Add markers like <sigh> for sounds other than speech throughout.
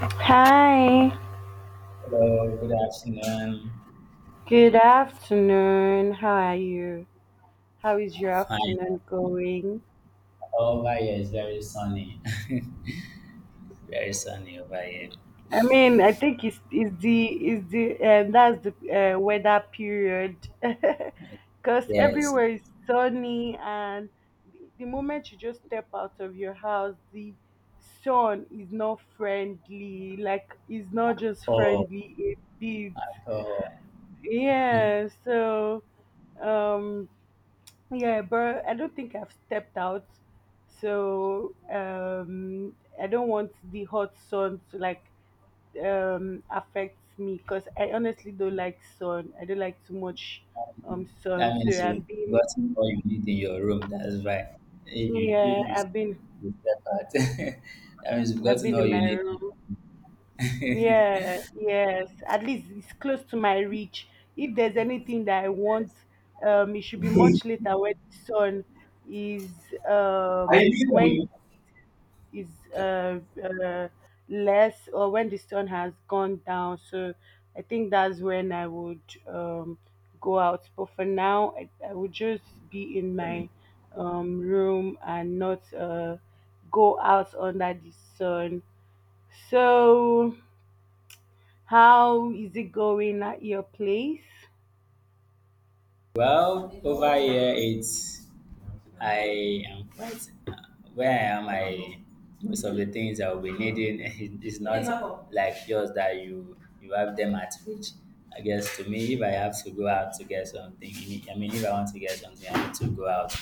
Hi, Hello, good afternoon. good afternoon. How are you? How is your Fine. afternoon going? Over here is very sunny. <laughs> Very sunny over here. I think it's the that's the weather period <laughs> because Yes. everywhere is sunny and the moment you just step out of your house, the sun is not friendly. Like it's not just Oh, friendly, it beats. at all. Yeah, so um Yeah, but I don't think I've stepped out. So um, I don't want the hot sun to affect me because I honestly don't like sun. I don't like too much That sun. So means you've gotten all you need in your room. That's right. If you yeah, if you I've been you step out, <laughs> that means you've I've gotten been all in you my room. need. Yeah, yes. At least it's close to my reach. If there's anything that I want, it should be much later when the sun is um when is uh, uh, less or when the sun has gone down. So I think that's when I would um, go out. But for now, I would just be in my <laughs> room and not go out under the sun. So, how is it going at your place? Well, over here it's I am quite where I am, I most of the things I will be needing <laughs> is not like yours that you have them at reach. I guess to me, if I have to go out to get something, I mean, if I want to get something, I need to go out,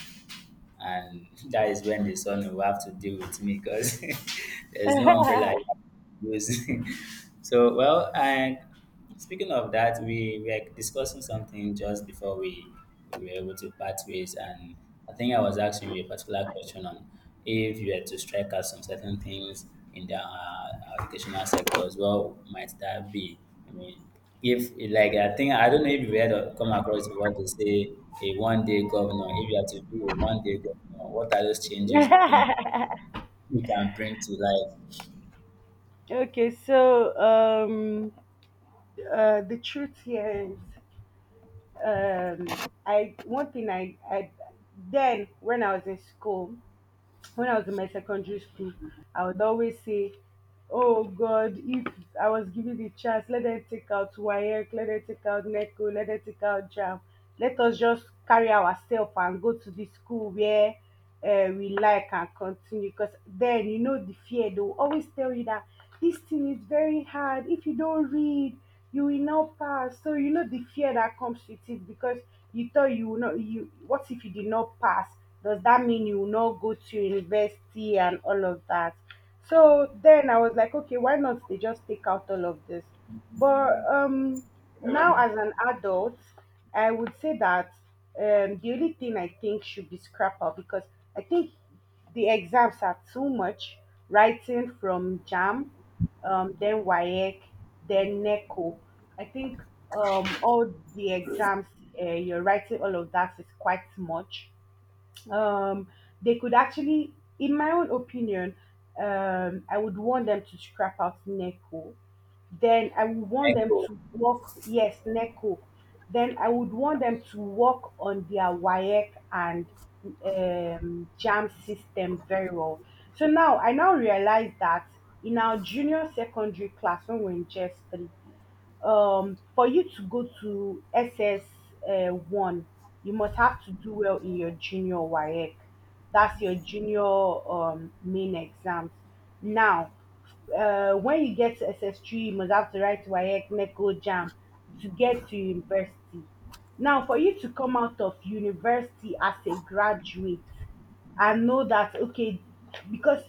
and <laughs> that is when the sun will have to deal with me because <laughs> there's no umbrella <laughs> I can use. <laughs> So well, I speaking of that, we, were discussing something just before we were able to part ways, and I think I was asking you a particular question on if you had to strike out some certain things in the educational sector as well, might that be? I mean, if like I think I don't know if you had heard come across what they say a one day governor. If you had to be a one day governor, what are those changes you think you can bring to life? Okay, so the truth here is um I one thing I then when I was in school, when I was in my secondary school, I would always say, oh god, if I was given the chance, let them take out wayek, let them take out neco, let them take out jam, let us just carry ourselves and go to the school where we like and continue, because then you know the fear, they will always tell you that this thing is very hard, if you don't read you will not pass. So you know the fear that comes with it because you thought you will not you what if you did not pass? Does that mean you will not go to university and all of that? So then I was like, okay, why not they just take out all of this? But now as an adult, I would say that the only thing I think should be scrapper, because I think the exams are too much. Writing from JAM, then WAEC, then NECO. I think all the exams, you're writing all of that is quite much. um, they could actually, in my own opinion, I would want them to scrap out Neko. Then I would want them Echo, to work, yes, Neko. Then I would want them to work on their WAEC and JAM system very well. So now I now realize that in our junior secondary class when we're in JS3, for you to go to SS one, you must have to do well in your junior WAEC. That's your junior main exams. Now, when you get to SS3, you must have to write WAEC, NECO, JAM to get to university. Now, for you to come out of university as a graduate, and know that okay, because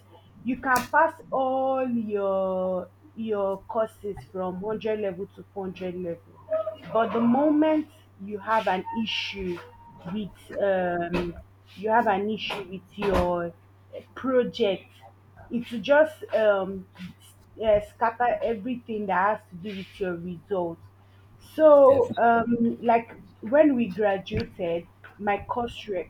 you can pass all your courses from 100 level to 400 level, but the moment you have an issue with um you have an issue with your project, it will just scatter everything that has to do with your results. so definitely. um like when we graduated, my course rep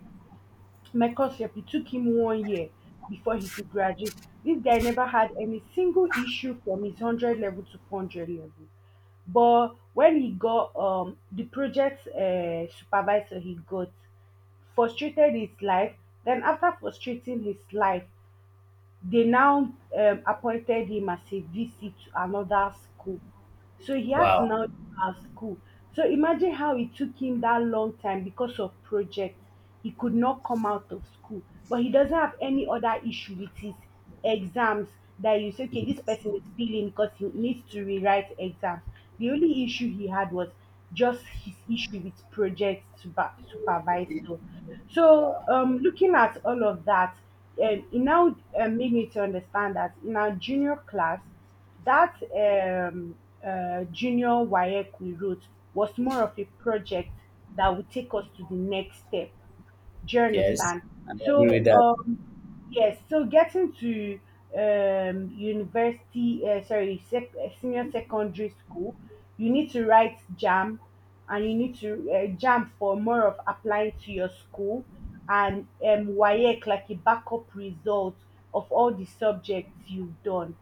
my course rep, it took him 1 year before he could graduate. This guy never had any single issue from his 100 level to 400 level. But when he got the project supervisor, he got frustrated his life. Then, after frustrating his life, they now appointed him as a VC to another school. So he had to Wow. now leave our school. So imagine how it took him that long time because of projects. He could not come out of school, but he doesn't have any other issue with his exams, that you say, okay, this person is failing because he needs to rewrite exams. The only issue he had was just his issue with supervisor. So, looking at all of that, it now made me to understand that in our junior class, that junior WAEC we wrote was more of a project that would take us to the next step. Do you Yes, understand? I agree with So, that. Yes, so getting to senior secondary school, you need to write JAM, and you need to JAM for more of applying to your school, and WAEC, like a backup result of all the subjects you've done.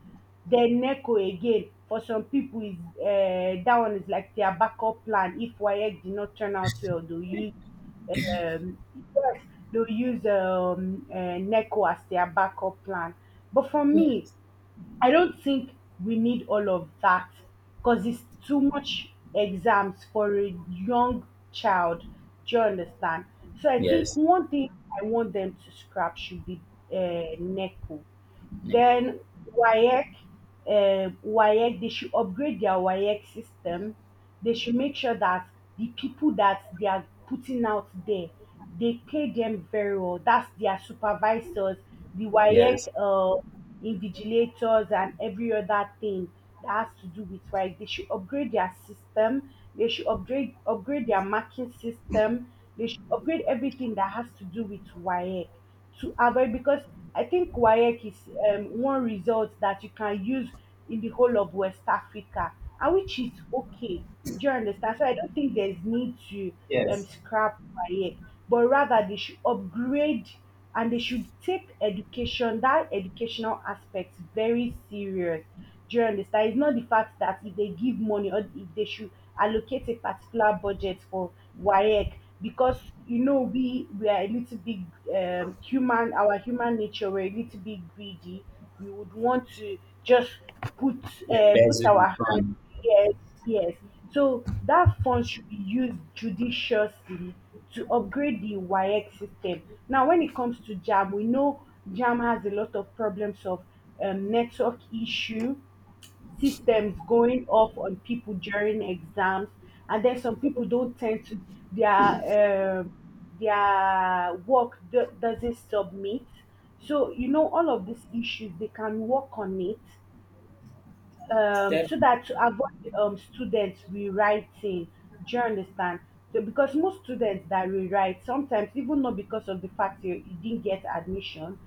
Then NECO again, for some people, is that one is like their backup plan. If WAEC did not turn out well, they'll use um, yes, they'll use Neko as their backup plan. But for me, Yes, I don't think we need all of that, because it's too much exams for a young child. Do you understand? So I think yes, one thing I want them to scrap should be Neko. yeah, Then cool. WAEC, WAEC, they should upgrade their WAEC system. They should make sure that the people that they are putting out there, they pay them very well. That's their supervisors, the WAEC Yes, invigilators, and every other thing that has to do with WAEC. They should upgrade their system. They should upgrade their marking system. They should upgrade everything that has to do with WAEC, to avoid, because I think WAEC is one result that you can use in the whole of West Africa, and which is okay. Do you understand? So I don't think there's need to yes, scrap WAEC, but rather they should upgrade, and they should take education, that educational aspect, very serious. Do you understand? It's not the fact that if they give money, or if they should allocate a particular budget for WAEC, because you know we are a little bit human, our human nature, we're a little bit greedy, we would want to just put and that's put will be our fun. hands, yes, yes, so that fund should be used judiciously to upgrade the YX system. Now when it comes to jam, we know jam has a lot of problems of network issue, systems going off on people during exams, and then some people don't tend to their um their work doesn't submit. So you know all of these issues they can work on it, so Definitely, that to avoid students rewriting. Do you understand? So because most students that rewrite sometimes, even not because of the fact you didn't get admission,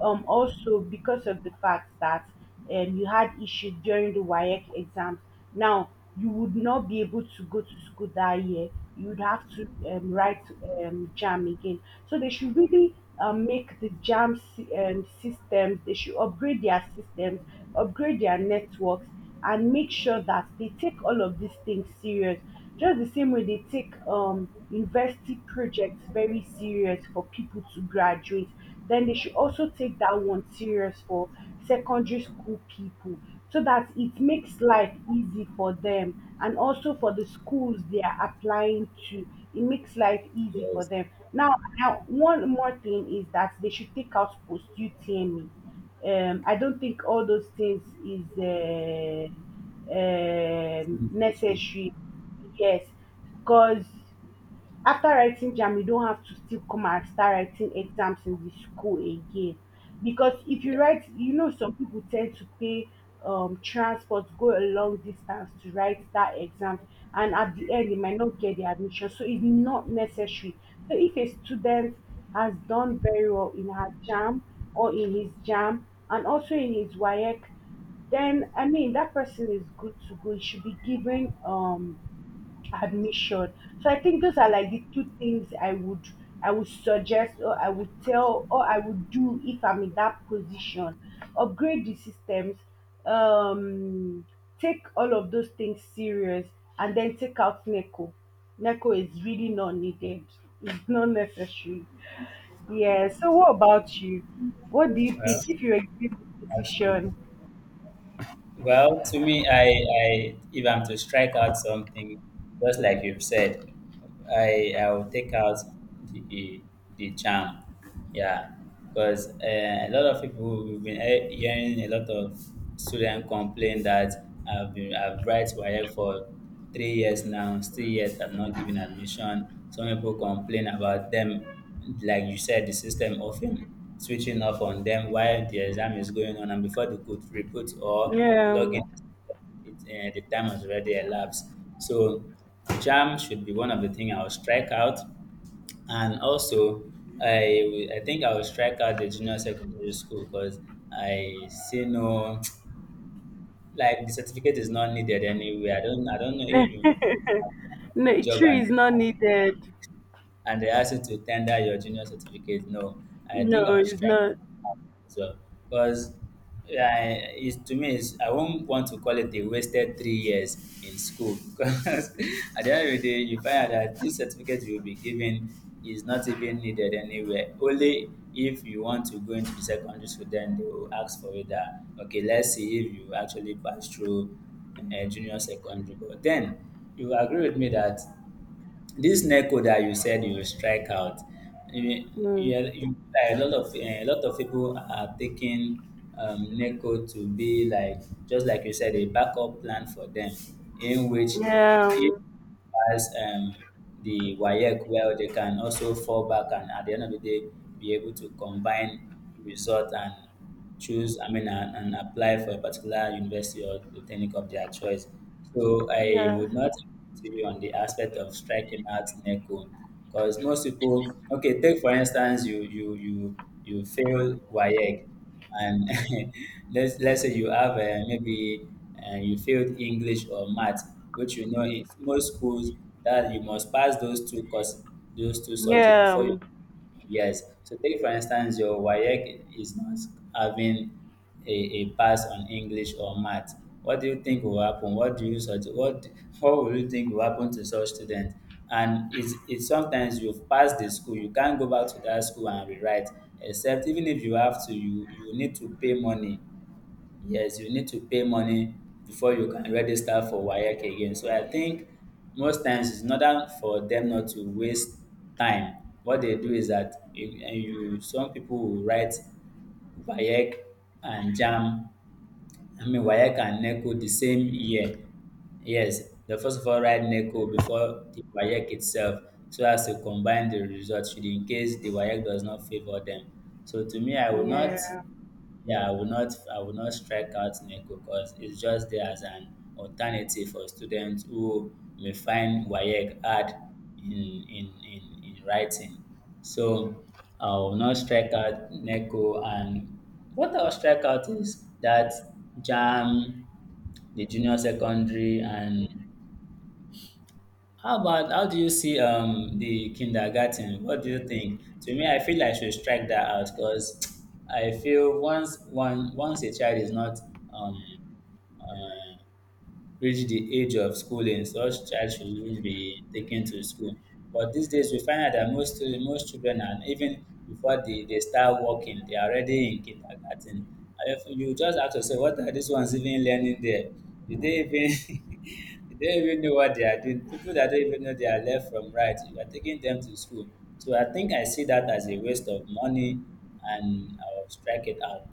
also because of the fact that you had issues during the WAEC exams. Now, you would not be able to go to school that year. You would have to write JAM again. So they should really make the JAM systems, they should upgrade their systems, upgrade their networks, and make sure that they take all of these things serious, just the same way they take university projects very serious for people to graduate. Then they should also take that one serious for secondary school people, so that it makes life easy for them, and also for the schools they are applying to, it makes life easy for yes. them. Now, now one more thing is that they should take out post utme. I don't think all those things is It's an issue. necessary. Yes, because after writing jam, you don't have to still come and start writing exams in the school again. Because if Yeah, you write, you know, some people tend to pay transport, go a long distance to write that exam, and at the end, they might not get the admission. So it's not necessary. So if a student has done very well in her jam, or in his jam, and also in his WAEC, then I mean that person is good to go. He should be given admission. So I think those are like the two things I would, I would suggest, or I would tell, or I would do if I'm in that position. Upgrade the systems, um, take all of those things serious, and then take out Neco. Neco is really not needed. It's not necessary. Yeah. So what about you? What do you well, think if you were given the absolutely. position? Well, to me, I if I'm to strike out something, just like you've said, I'll take out the the the charm, yeah, because a lot of people we've been hearing a lot of students complain that I've write waec for 3 years now, still yet I'm not given admission. Some people complain about them, like you said, the system often switching off on them while the exam is going on, and before they could report or Yeah, log in, Um, the time has already elapsed. So, jam should be one of the things I'll strike out, and also I think I will strike out the junior secondary school because I see no <tsk> like the certificate is not needed anyway. I don't know if you the no, job tree and is not needed. they ask you to tender your junior certificate. No, I think I No, was it's strike not. as well because yeah, it's, to me, it's, I won't want to call it a wasted 3 years in school <laughs> because at the end of the day, you find out that this certificate you will be given is not even needed anywhere. Only if you want to go into the secondary school, then they will ask for it that, okay, let's see if you actually pass through junior secondary. But then you agree with me that this NECO that you said you will strike out, you, No. you, like, a lot of a lot of people are taking NECO to be like just like you said a backup plan for them, in which Yeah, if um, as the WAEC well, they can also fall back and at the end of the day be able to combine result and choose, I mean, and apply for a particular university or polytechnic of their choice. So I yeah, would not agree to you on the aspect of striking out NECO because most people, okay, take for instance, you fail WAEC and <laughs> let's say you have maybe you failed English or math, which you know in most schools that you must pass those two courses, those two subjects yeah, before you. um, Yes. So take for instance, your WAEC is not having a pass on English or math. What do you think will happen? What do you such what <laughs> what will you think will happen to such students? And it's sometimes you've passed the school, you can't go back to that school and rewrite. Except even if you have to, you need to pay money. Yes, you need to pay money before you can register for WAEC again. So I think most times in order for them not to waste time, what they do is that you, and you some people will write WAEC and JAMB, I mean WAEC and NECO the same year. Yes, they first of all write NECO before the WAEC itself so as to combine the results should in case the WAEC does not favor them. So to me, I will not, yeah. yeah, I will not strike out NECO because it's just there as an alternative for students who may find WAEC hard in writing. So I will not strike out NECO, and what I'll strike out is that JAM, the junior secondary. And how about how do you see the kindergarten? What do you think? To me, I feel I should strike that out because I feel once a child is not um uh, reach the age of schooling, such child shouldn't be taken to school. But these days, we find out that most children, and even before they start working, they are already in kindergarten. And if you just have to say, what are these ones even learning there? Did they even <laughs> did they even know what they are doing? People that don't even know they are left from right, you are taking them to school. So I think I see that as a waste of money, and I'll strike it out.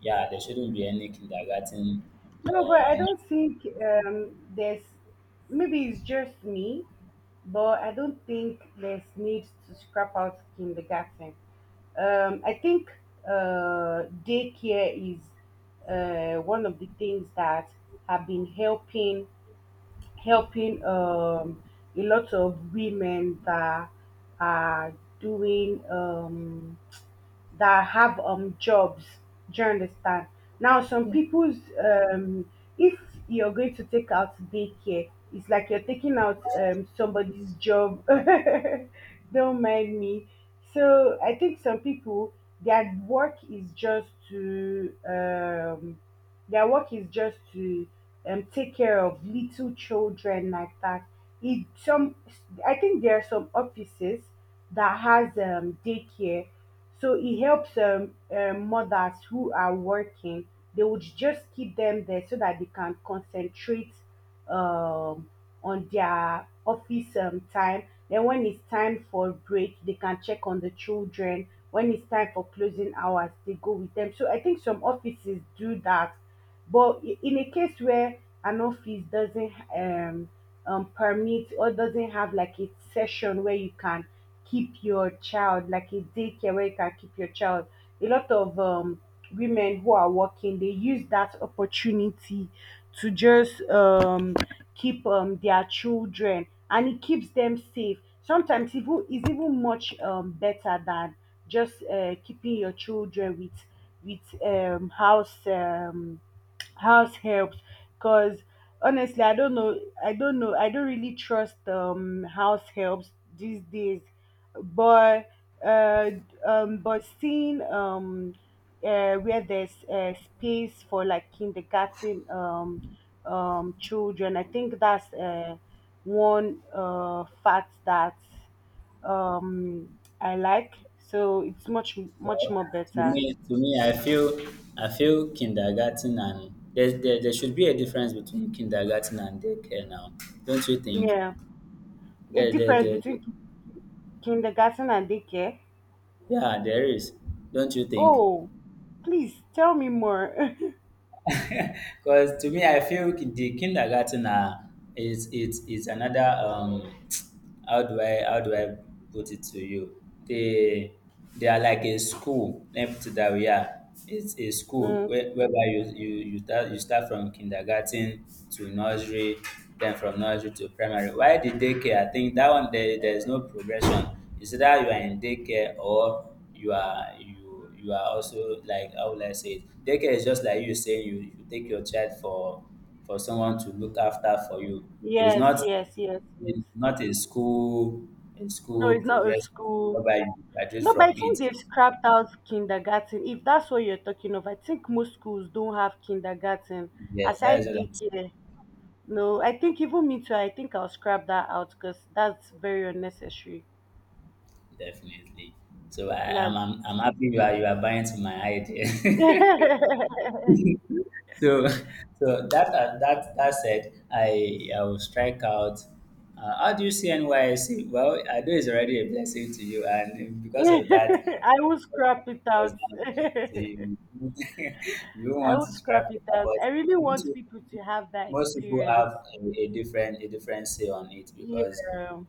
Yeah, there shouldn't be any kindergarten No, but I or don't think there's, maybe it's just me, but I don't think there's need to scrap out kindergarten. I think daycare is one of the things that have been helping a lot of women that are doing. That have jobs. Do you understand? Now, some people's um, if you're going to take out daycare, it's like you're taking out somebody's job. <laughs> Don't mind me. So I think some people their work is just to um their work is just to take care of little children like that. It some I think there are some offices that has daycare, so it helps mothers who are working. They would just keep them there so that they can concentrate um, on their office time. Then when it's time for break, they can check on the children. When it's time for closing hours, they go with them. So I think some offices do that. But in a case where an office doesn't permit or doesn't have like a session where you can keep your child, like a daycare where you can keep your child, a lot of women who are working, they use that opportunity to just keep their children, and it keeps them safe sometimes. Even is even much better than just keeping your children with house helps, because honestly, I don't know. I don't know. I don't really trust house helps these days. But uh but seeing where there's space for like kindergarten children, I think that's one fact that I like. So it's much much well, more to better. me, to me, I feel kindergarten and there should be a difference between kindergarten and daycare now, don't you think? Yeah, a There, there, difference there, between kindergarten and daycare. yeah, there is, don't you think? Oh, please tell me more. <laughs> Because to me, I feel the kindergarten is it's is another <tsk> how do I put it to you? They are like a school. Let me put it that way. Yeah, it's a school Mm, whereby you start from kindergarten to nursery, then from nursery to primary. Why the daycare? I think that one there is no progression. It's either you are in daycare or you are also like how will I say it? Daycare is just like you saying you take your child for someone to look after for you. It is yes, not yes, yes, it yes. is not a school a No, school it's not a progression school. whereby you graduate No, but I from think it. they've scrapped out kindergarten. If that's what you're talking of, I think most schools don't have kindergarten Yes, that is aside what I'm saying. daycare. No, I think even me too. I think I'll scrap that out because that's very unnecessary. Definitely. So I, That's. I'm happy you are buying to my idea. <laughs> <laughs> I So <laughs> so that that said, I will strike out. How do you see NYC? Well, I know it's already a blessing to you, and because of that, will scrap it <laughs> was out. beneficial to <laughs> you. <laughs> You don't I want will to scrap scrap it it, but out. don't I really you want want to- people to have that most people have experience. a different say on it because Yeah,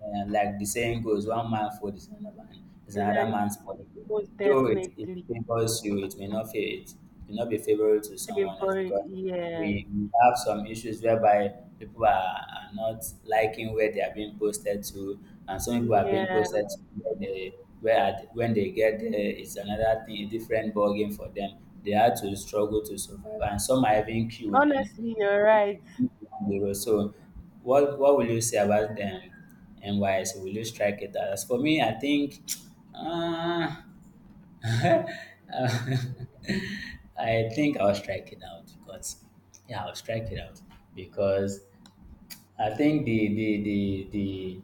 and like the saying goes, one man's food is another exactly. man's body. Most Though it definitely favors you, it may not be favorable to someone else favor. because Yeah, we have some issues whereby people are not liking where they are being posted to, and some people are being yeah. posted to where they where at, when they get there it's another thing, a different ballgame for them. They had to struggle to survive, and some are even killed and Honestly, you're right. on the road. So, what will you say about them and why? So, will you strike it? As for me, I think, uh, <laughs> I think I'll strike it out because yeah, I'll strike it out because I think the the the the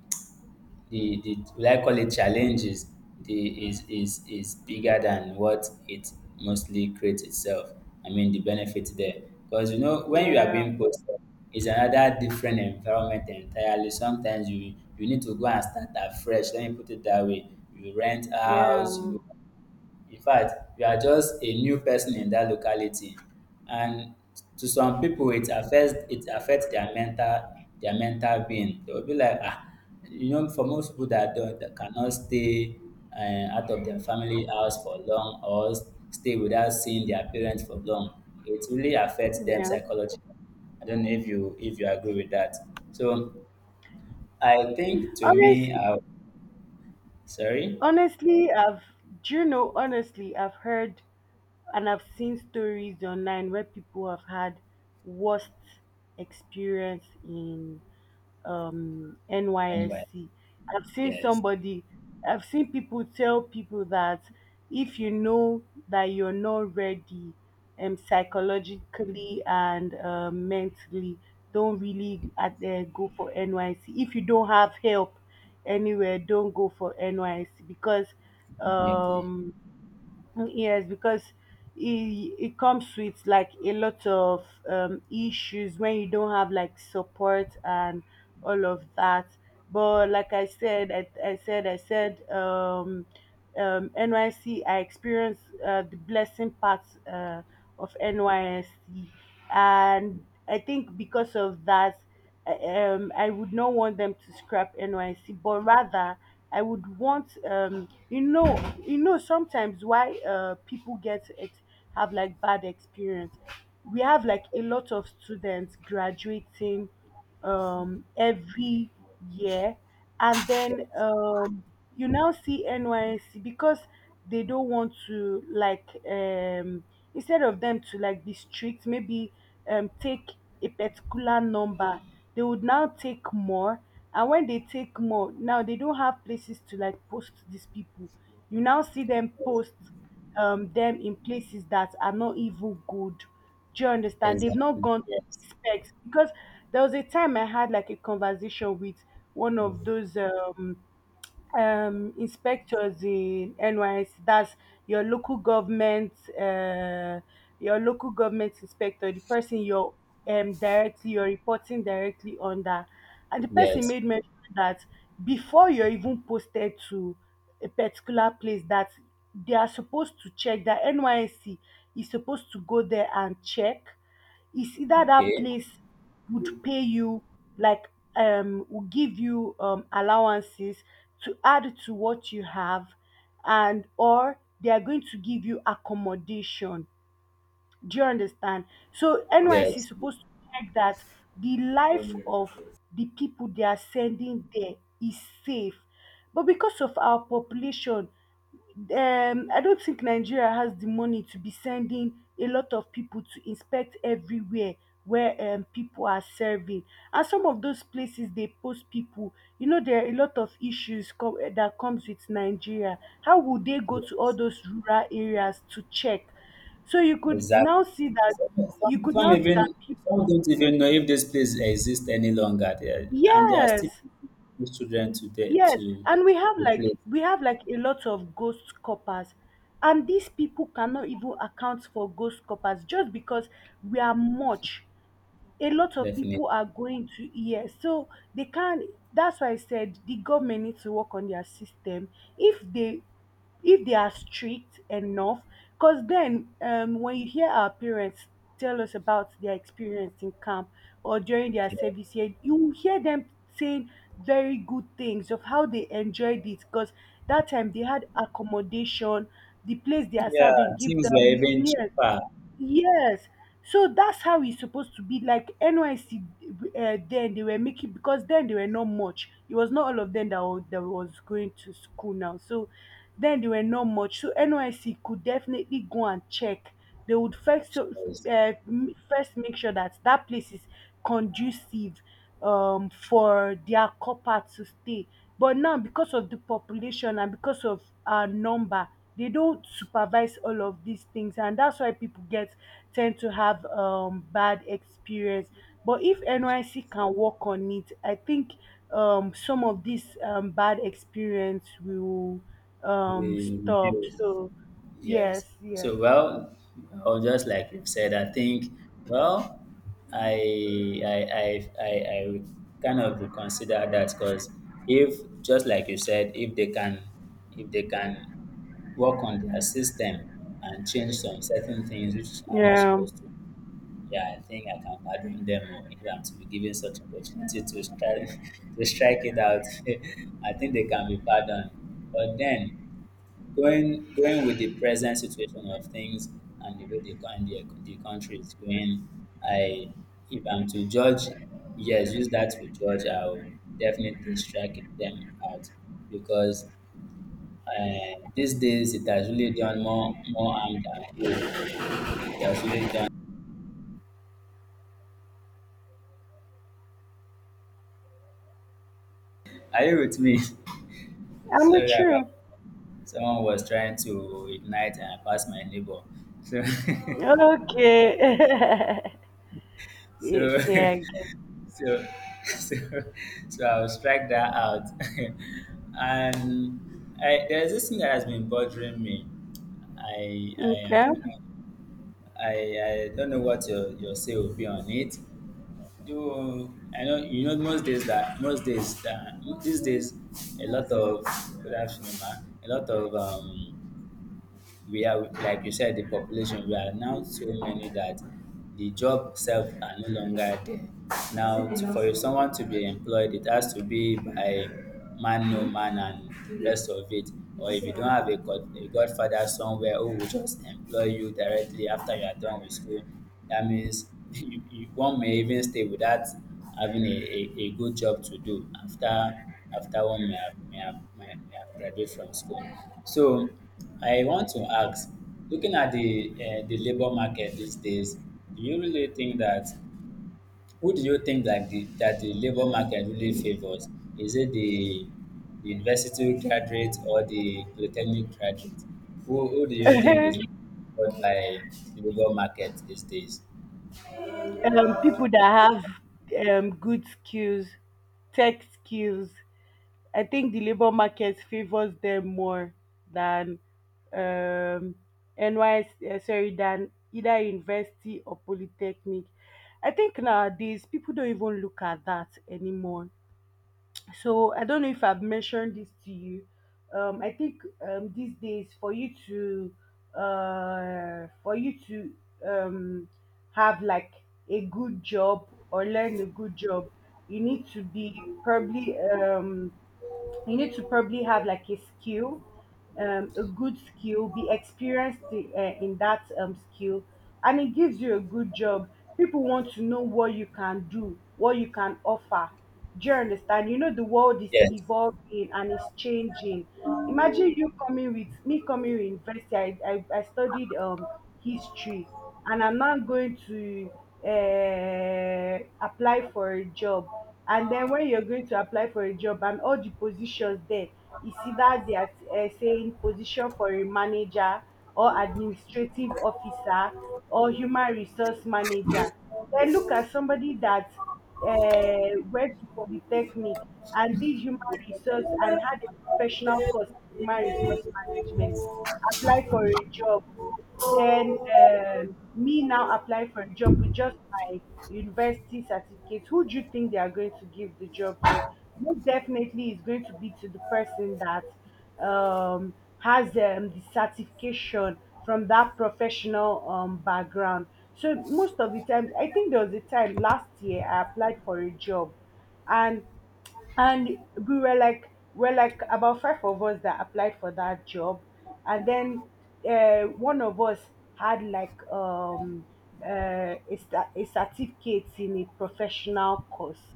the the will I call it challenges the is bigger than what it mostly creates itself. I mean the benefit there. Because you know when you are Yeah, being posted, it's another different environment entirely. Sometimes you need to go and start afresh. Let me put it that way. You rent yeah, house, you are just a new person in that locality, and to some people it affects their mental being. They will be like for most people that cannot stay out of their family house for long or stay without seeing their parents for long, it really affects them yeah. psychologically. I don't know if you agree with that. So I think to me, Honestly, I, sorry, honestly, I've do you know? Honestly, I've heard and I've seen stories online where people have had worst experience in anyway, NYSC. I've seen yes, somebody, I've seen people tell people that if you know that you're not ready psychologically and mentally, don't really at there go for NYC. If you don't have help anywhere, don't go for NYC, because definitely. um, yes, because it comes with like a lot of issues when you don't have like support and all of that. But like I said, NYC, I experienced the blessing part uh, of NYC. And I think because of that, I would not want them to scrap NYC, but rather I would want, sometimes why people get it, have like bad experience. We have like a lot of students graduating every year. And then Yes. You now see NYC, because they don't want to, like, instead of them to, like, be strict, maybe take a particular number, they would now take more. And when they take more, now they don't have places to, like, post these people, you now see them post them in places that are not even good. Do you understand? They've not Exactly. gone to the Yes. specs, because there was a time I had like a conversation with one of those inspectors in NYSC. That's your local government, uh, your local government inspector, the person you're directly, you're reporting directly under. And the person Yes. made mention that before you're even posted to a particular place, that they are supposed to check, that NYSC is supposed to go there and check, it's either that Okay. place would pay you, like will give you allowances to add to what you have, and or they are going to give you accommodation. Do you understand? So NYC is Yes. supposed to check that the life of the people they are sending there is safe. But because of our population, I don't think Nigeria has the money to be sending a lot of people to inspect everywhere where people are serving. And some of those places they post people, you know, there are a lot of issues that comes with Nigeria. How would they Yeah. go to all those rural areas to check? So Exactly. Some, you some could some now see that even people, some don't even know if this place exists any longer there, and they are still yes, teaching children Yes, to and we have the like place we have like a lot of ghost coppers, and these people cannot even account for ghost coppers just because we are much, a lot of definitely. people are going to hear. So they can't, that's why I said the government needs to work on their system. If they if they are strict enough, because then when you hear our parents tell us about their experience in camp or during their service year, you will hear them saying very good things of how they enjoyed it, because that time they had accommodation, the place they are Yeah, serving give things were them, even yeah cheaper. Yes. So that's how it's supposed to be. Like NYC, then they were making, because then they were not much. It was not all of them that was going to school now. So then they were not much. So NYC could definitely go and check. They would first uh, Because m- first make sure that that place is conducive for their copper to stay. But now because of the population and because of our number, they don't supervise all of these things, and that's why people get tend to have bad experience. But if NYC can work on it, I think some of this bad experience will we stop. reduced. So yes, Yes. yes. So, well, well, just like you've said, I think, well, I I I I, I would kind of reconsider that because if just like you said, if they can work on their system and change some certain things which are not Yeah, supposed to, yeah, I think I can pardon them, or if I'm to be given such opportunity to strike <laughs> to strike it out. <laughs> I think they can be pardoned. But then going with the present situation of things and the way the country is going, I if I'm to judge, yes, use that to judge. I'll definitely strike them out because these days it has really done more harm than good. It has really done. Are you with me? <laughs> I'm Sorry with about you. someone was trying to ignite and pass my neighbor. So Okay. <laughs> <laughs> so okay, I get <laughs> so <laughs> so so I'll strike that out. <laughs> And there's this thing that has been bothering me. I okay. don't <laughs> know. I don't know what your say will be on it. Do I know you know most days that these days a lot of good afternoon, ma. A lot of we are, like you said, the population, we are now so many that the job self are no longer there now to, for someone to be employed, it has to be by man no man and the rest of it, or if you don't have god, a godfather somewhere who will just employ you directly after you are done with school, that means <laughs> one may even stay without having a good job to do after after one may have, may have, may have graduate from school. So I want to ask, looking at the labor market these days, do you really think that who do you think that the labor market really favors? Is it the university graduate or the polytechnic graduate? Who do you think Uh-huh. is really favored by the labor market these days? People that have good skills, tech skills, I think the labor market favors them more than um, NYS. Sorry, than either university or polytechnic. I think nowadays people don't even look at that anymore. So I don't know if I've mentioned this to you. I think these days for you to uh, for you to um, have like a good job or learn a good job, you need to be probably um you need to probably have like a skill, a good skill, be experienced in that skill, and it gives you a good job. People want to know what you can do, what you can offer. Do you understand? You know, the world is Yes. evolving and it's changing. Imagine you coming with me, coming with university. I studied history, and I'm not going to uh, apply for a job. And then when you're going to apply for a job and all the positions there, you see that they are saying position for a manager or administrative officer or human resource manager. Then look at somebody that went to polytechnic and did human resource and had a professional course in human resource management, applied for a job, then me now apply for a job with just my university certificate. Who do you think they are going to give the job to? Most definitely, it's going to be to the person that um, has the certification from that professional background. So most of the times, I think there was a time last year I applied for a job, and and we're like about five of us that applied for that job, and then one of us had like a certificate in a professional course,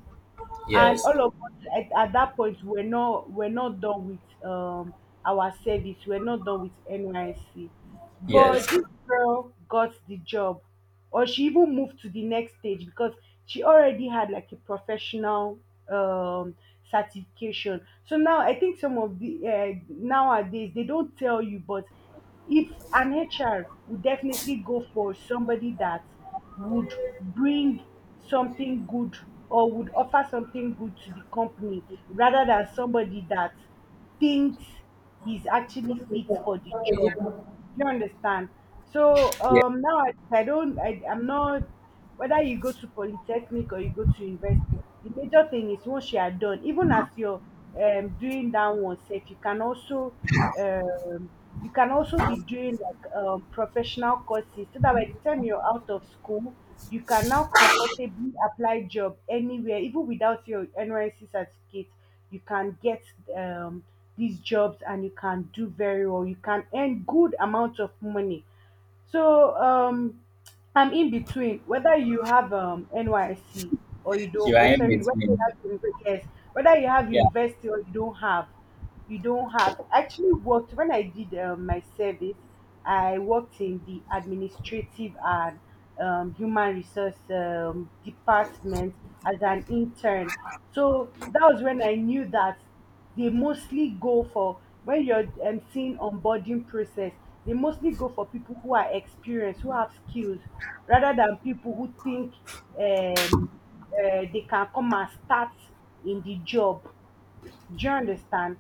Yes, and all of us at that point, we're not done with our service, we're not done with NYC, yes, but this girl got the job, or she even moved to the next stage because she already had like a professional um certification. So now I think some of the nowadays they don't tell you, but if an HR would definitely go for somebody that would bring something good or would offer something good to the company, rather than somebody that thinks he's actually fit for the job. Do you understand? So yes. Now I don't, I, I'm not, whether you go to polytechnic or you go to university, the major thing is once you are done, even as you're doing that one self, you can also, um, be doing like professional courses, so that by the time you're out of school, you can now comfortably apply job anywhere, even without your NYC certificate you can get um these jobs, and you can do very well, you can earn good amount of money. So I'm in between whether you have NYC or you Here don't. I am Sorry, with whether you him. have yes, whether you have Yeah, university or you don't have, you don't have. I actually worked when I did my service. I worked in the administrative and human resource department as an intern. So that was when I knew that they mostly go for, when you're seeing onboarding process, they mostly go for people who are experienced, who have skills, rather than people who think um, they can come and start in the job. Do you understand?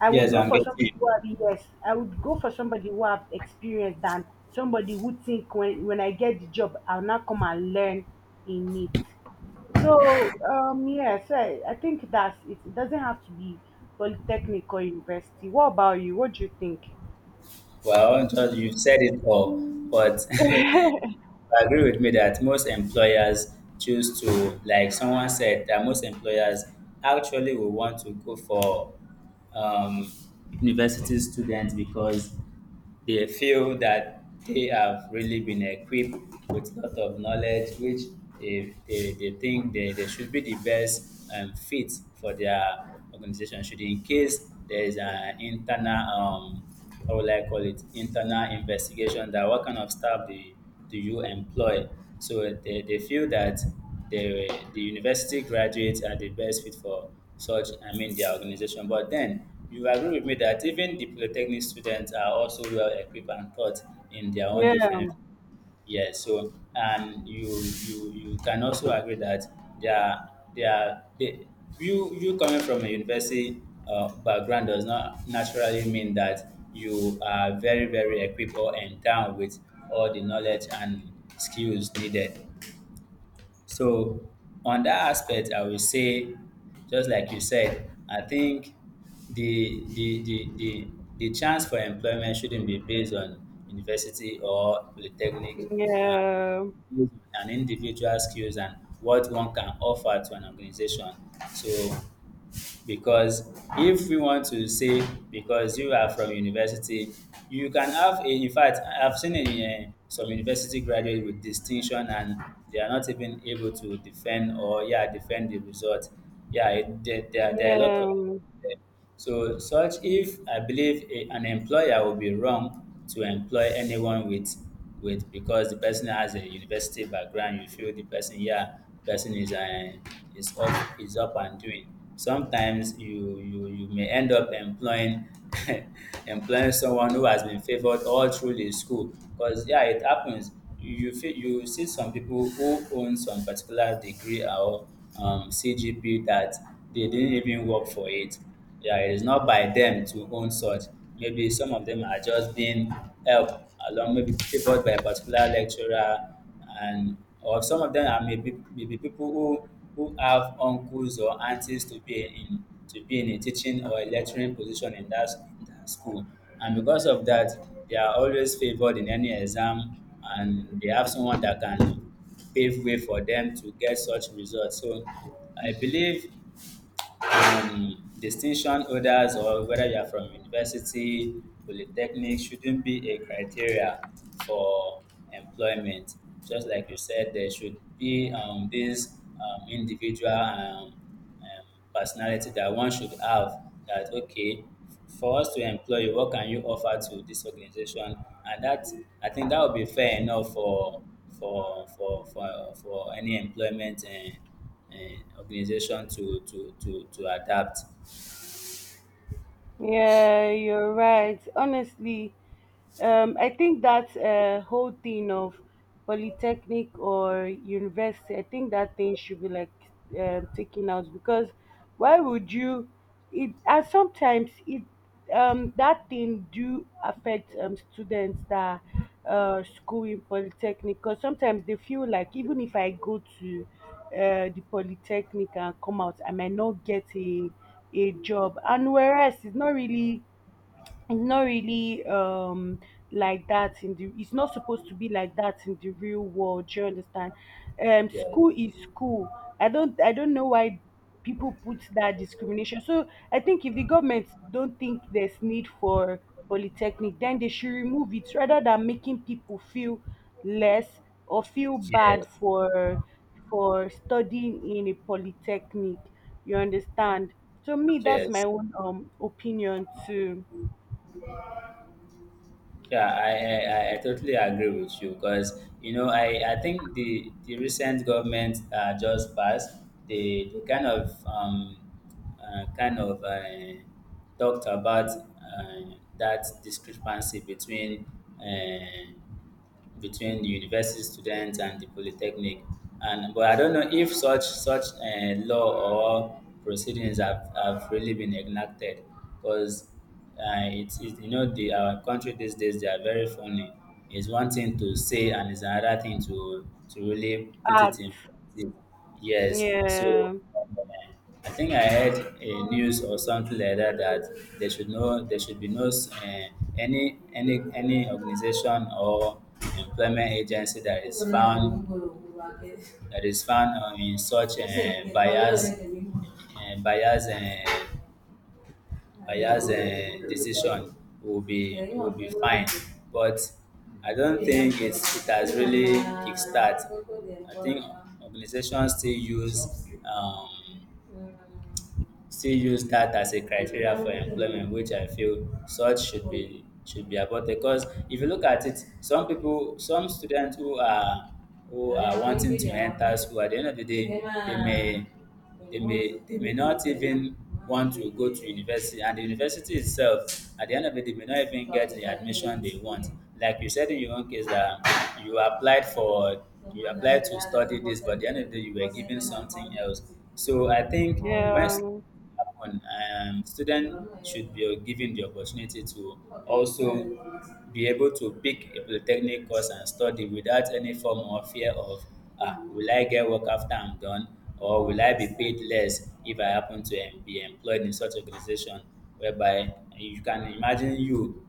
I would yes, go I'm for somebody getting. who have Yes, I would go for somebody who have experience than somebody who think when I get the job I'll not come and learn in it. So yeah, so I think that's it. It doesn't have to be polytechnic or university. What about you? What do you think? Well, just you said it all, but <laughs> agree with me that most employers choose to, like someone said, that most employers actually will want to go for um, university students because they feel that they have really been equipped with a lot of knowledge, which they think they should be the best fit for their organization. Should in case there is an internal, um, how will I call it, internal investigation that what kind of staff they do you employ? So they feel that the university graduates are the best fit for such, I mean, their organization. But then you agree with me that even the polytechnic students are also well equipped and taught in their own Yeah, different yeah, so and you you can also agree that they are they are you you coming from a university background does not naturally mean that you are very equipped or endowed with all the knowledge and skills needed. So on that aspect, I will say, just like you said, I think the the the the, the chance for employment shouldn't be based on university or polytechnic. Uh, yeah, an individual skills and what one can offer to an organization. So because if we want to say because you are from university you can have a in fact I've seen some university graduates with distinction and they are not even able to defend or yeah defend the result yeah it, there, there are a lot of yeah, eh, so such if I believe an employer would be wrong to employ anyone with because the person has a university background, you feel the person yeah, person is is up and doing. Sometimes you may end up employing <laughs> employing someone who has been favored all through the school because yeah it happens feel you see some people who own some particular degree or CGP that they didn't even work for it, yeah, it is not by them to own such. Maybe some of them are just being helped along, maybe favored by a particular lecturer, and or some of them are maybe people who have uncles or aunties to be in a teaching or a lecturing position in that school, and because of that, they are always favored in any exam, and they have someone that can pave way for them to get such results. So I believe distinction orders or whether you are from university, polytechnic shouldn't be a criteria for employment. Just like you said, there should be this individual personality that one should have that okay for us to employ you what can you offer to this organization, and that I think that would be fair enough for for any employment eh, and organization to adapt. yeah, you're right. Honestly, I think that whole thing of polytechnic or university, I think that thing should be like taken out. Because why would you? It And sometimes it that thing do affect students that school in polytechnic, because sometimes they feel like even if I go to the polytechnic and come out, I might not get a job, and whereas it's not really like that in the it's not supposed to be like that in the real world. Do you understand? Yeah. School is school. I don't know why people put that discrimination. So I think if the government don't think there's need for polytechnic, then they should remove it, rather than making people feel less or feel bad Yes, for studying in a polytechnic. You understand? So me, that's my yes. own opinion too. Yeah, I I totally agree with you because you know I think the recent government just passed they kind of talked about that discrepancy between uh, between the university students and the polytechnic. And but I don't know if such law or proceedings have really been enacted because it's it, you know the our country these days they are very funny. It's one thing to say and it's another thing to really put Art. it in practice. Yes, so Yeah. um, I think I heard a news or something like that that there should be no any organization or employment agency that is found in such bias Aya's decision will be fine, but I don't think it's it has really kickstart. I think organizations still use that as a criteria for employment, which I feel such should be about because if you look at it, some people, some students who are wanting to enter school at the end of the day, they may they may not even want to go to university, and the university itself at the end of it they may not even get the admission they want like you said in your own case that you applied for you applied to study this but at the end of the day you were given something else, so I think when Yeah. happen. Students should be given the opportunity to also be able to pick a polytechnic course and study without any form of fear of ah will I get work after I'm done or will I be paid less if I happen to em- be employed in such organization, whereby you can imagine you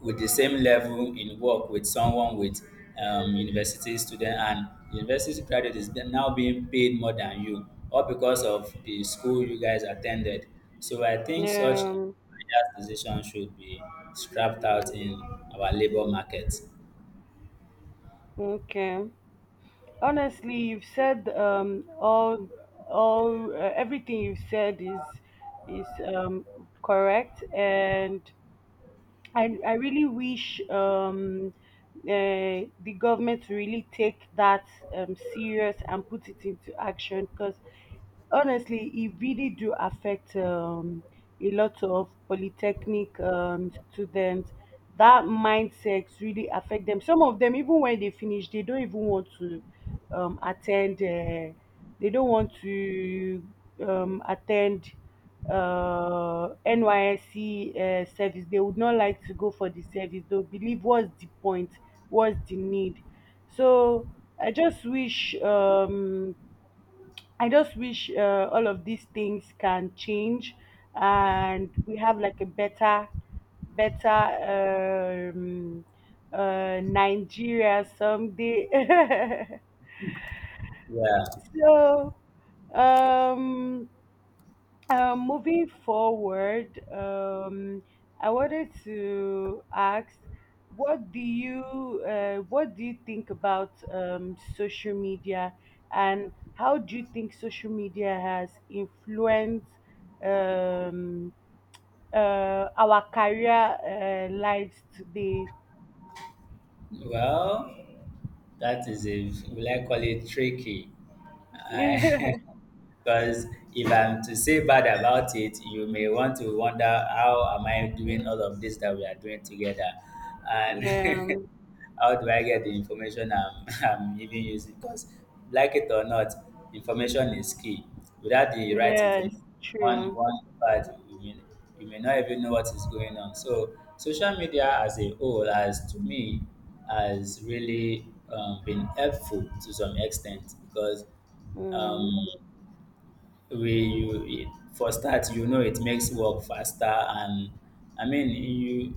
with the same level in work with someone with university student, and the university graduate is be- now being paid more than you all because of the school you guys attended, so I think such Yeah. biased decision should be scrapped out in our labor market. Okay. Honestly, you've said all everything you've said is correct, and I really wish the government to really take that serious and put it into action, because honestly, it really do affect a lot of polytechnic students. That mindset really affect them. Some of them, even when they finish, they don't even want to attend. They don't want to attend NYSC service. They would not like to go for the service. They'll believe what's the point, what's the need. So I just wish, um, I just wish all of these things can change, and we have like a better, better Nigeria someday. <laughs> Yeah, so um moving forward, I wanted to ask, what do you think about social media, and how do you think social media has influenced um, our career lives today? well, that is a will I call it tricky i. <laughs> <laughs> Because if I'm to say bad about it, you may want to wonder how am I doing all of this that we are doing together, and yeah, <laughs> how do I get the information I'm, <laughs> I'm even using? Because like it or not, information is key. Without the right yes, information, true. one part you may not even know what is going on. So social media as a whole, as to me, has really been helpful to some extent because Mm. um, way you it, for start you know it makes work faster, and I mean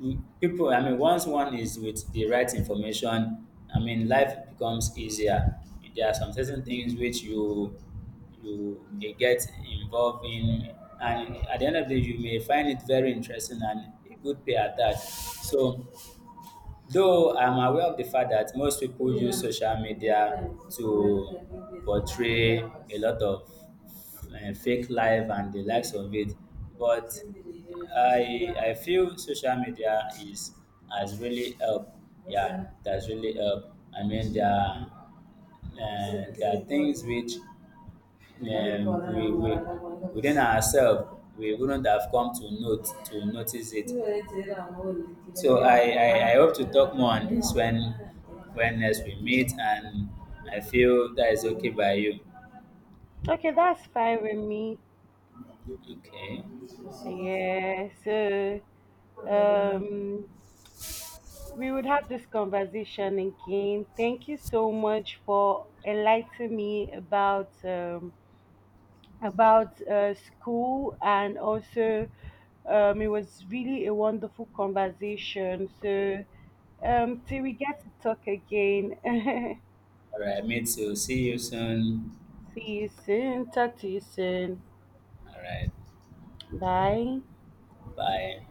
you people I mean once one is with the right information I mean life becomes easier. There are some certain things which you may get involved in, and at the end of the day you may find it very interesting and a good pay at that, so though I'm aware of the fact that most people use social media to portray a lot of fake life and the likes of it. But I feel social media is has really helped. Yeah, that's really helped. I mean, there are things which we within ourselves we wouldn't have come to notice it. So I hope to talk more on this when next we meet, and I feel that is okay by you. Okay, that's fine with me. Okay. Yeah, so All um we would have this conversation again. Thank you so much for enlightening me about school, and also it was really a wonderful conversation. So till we get to talk again, <laughs> right, me too. See you soon. see you soon. Talk to you soon. All right, Bye. bye.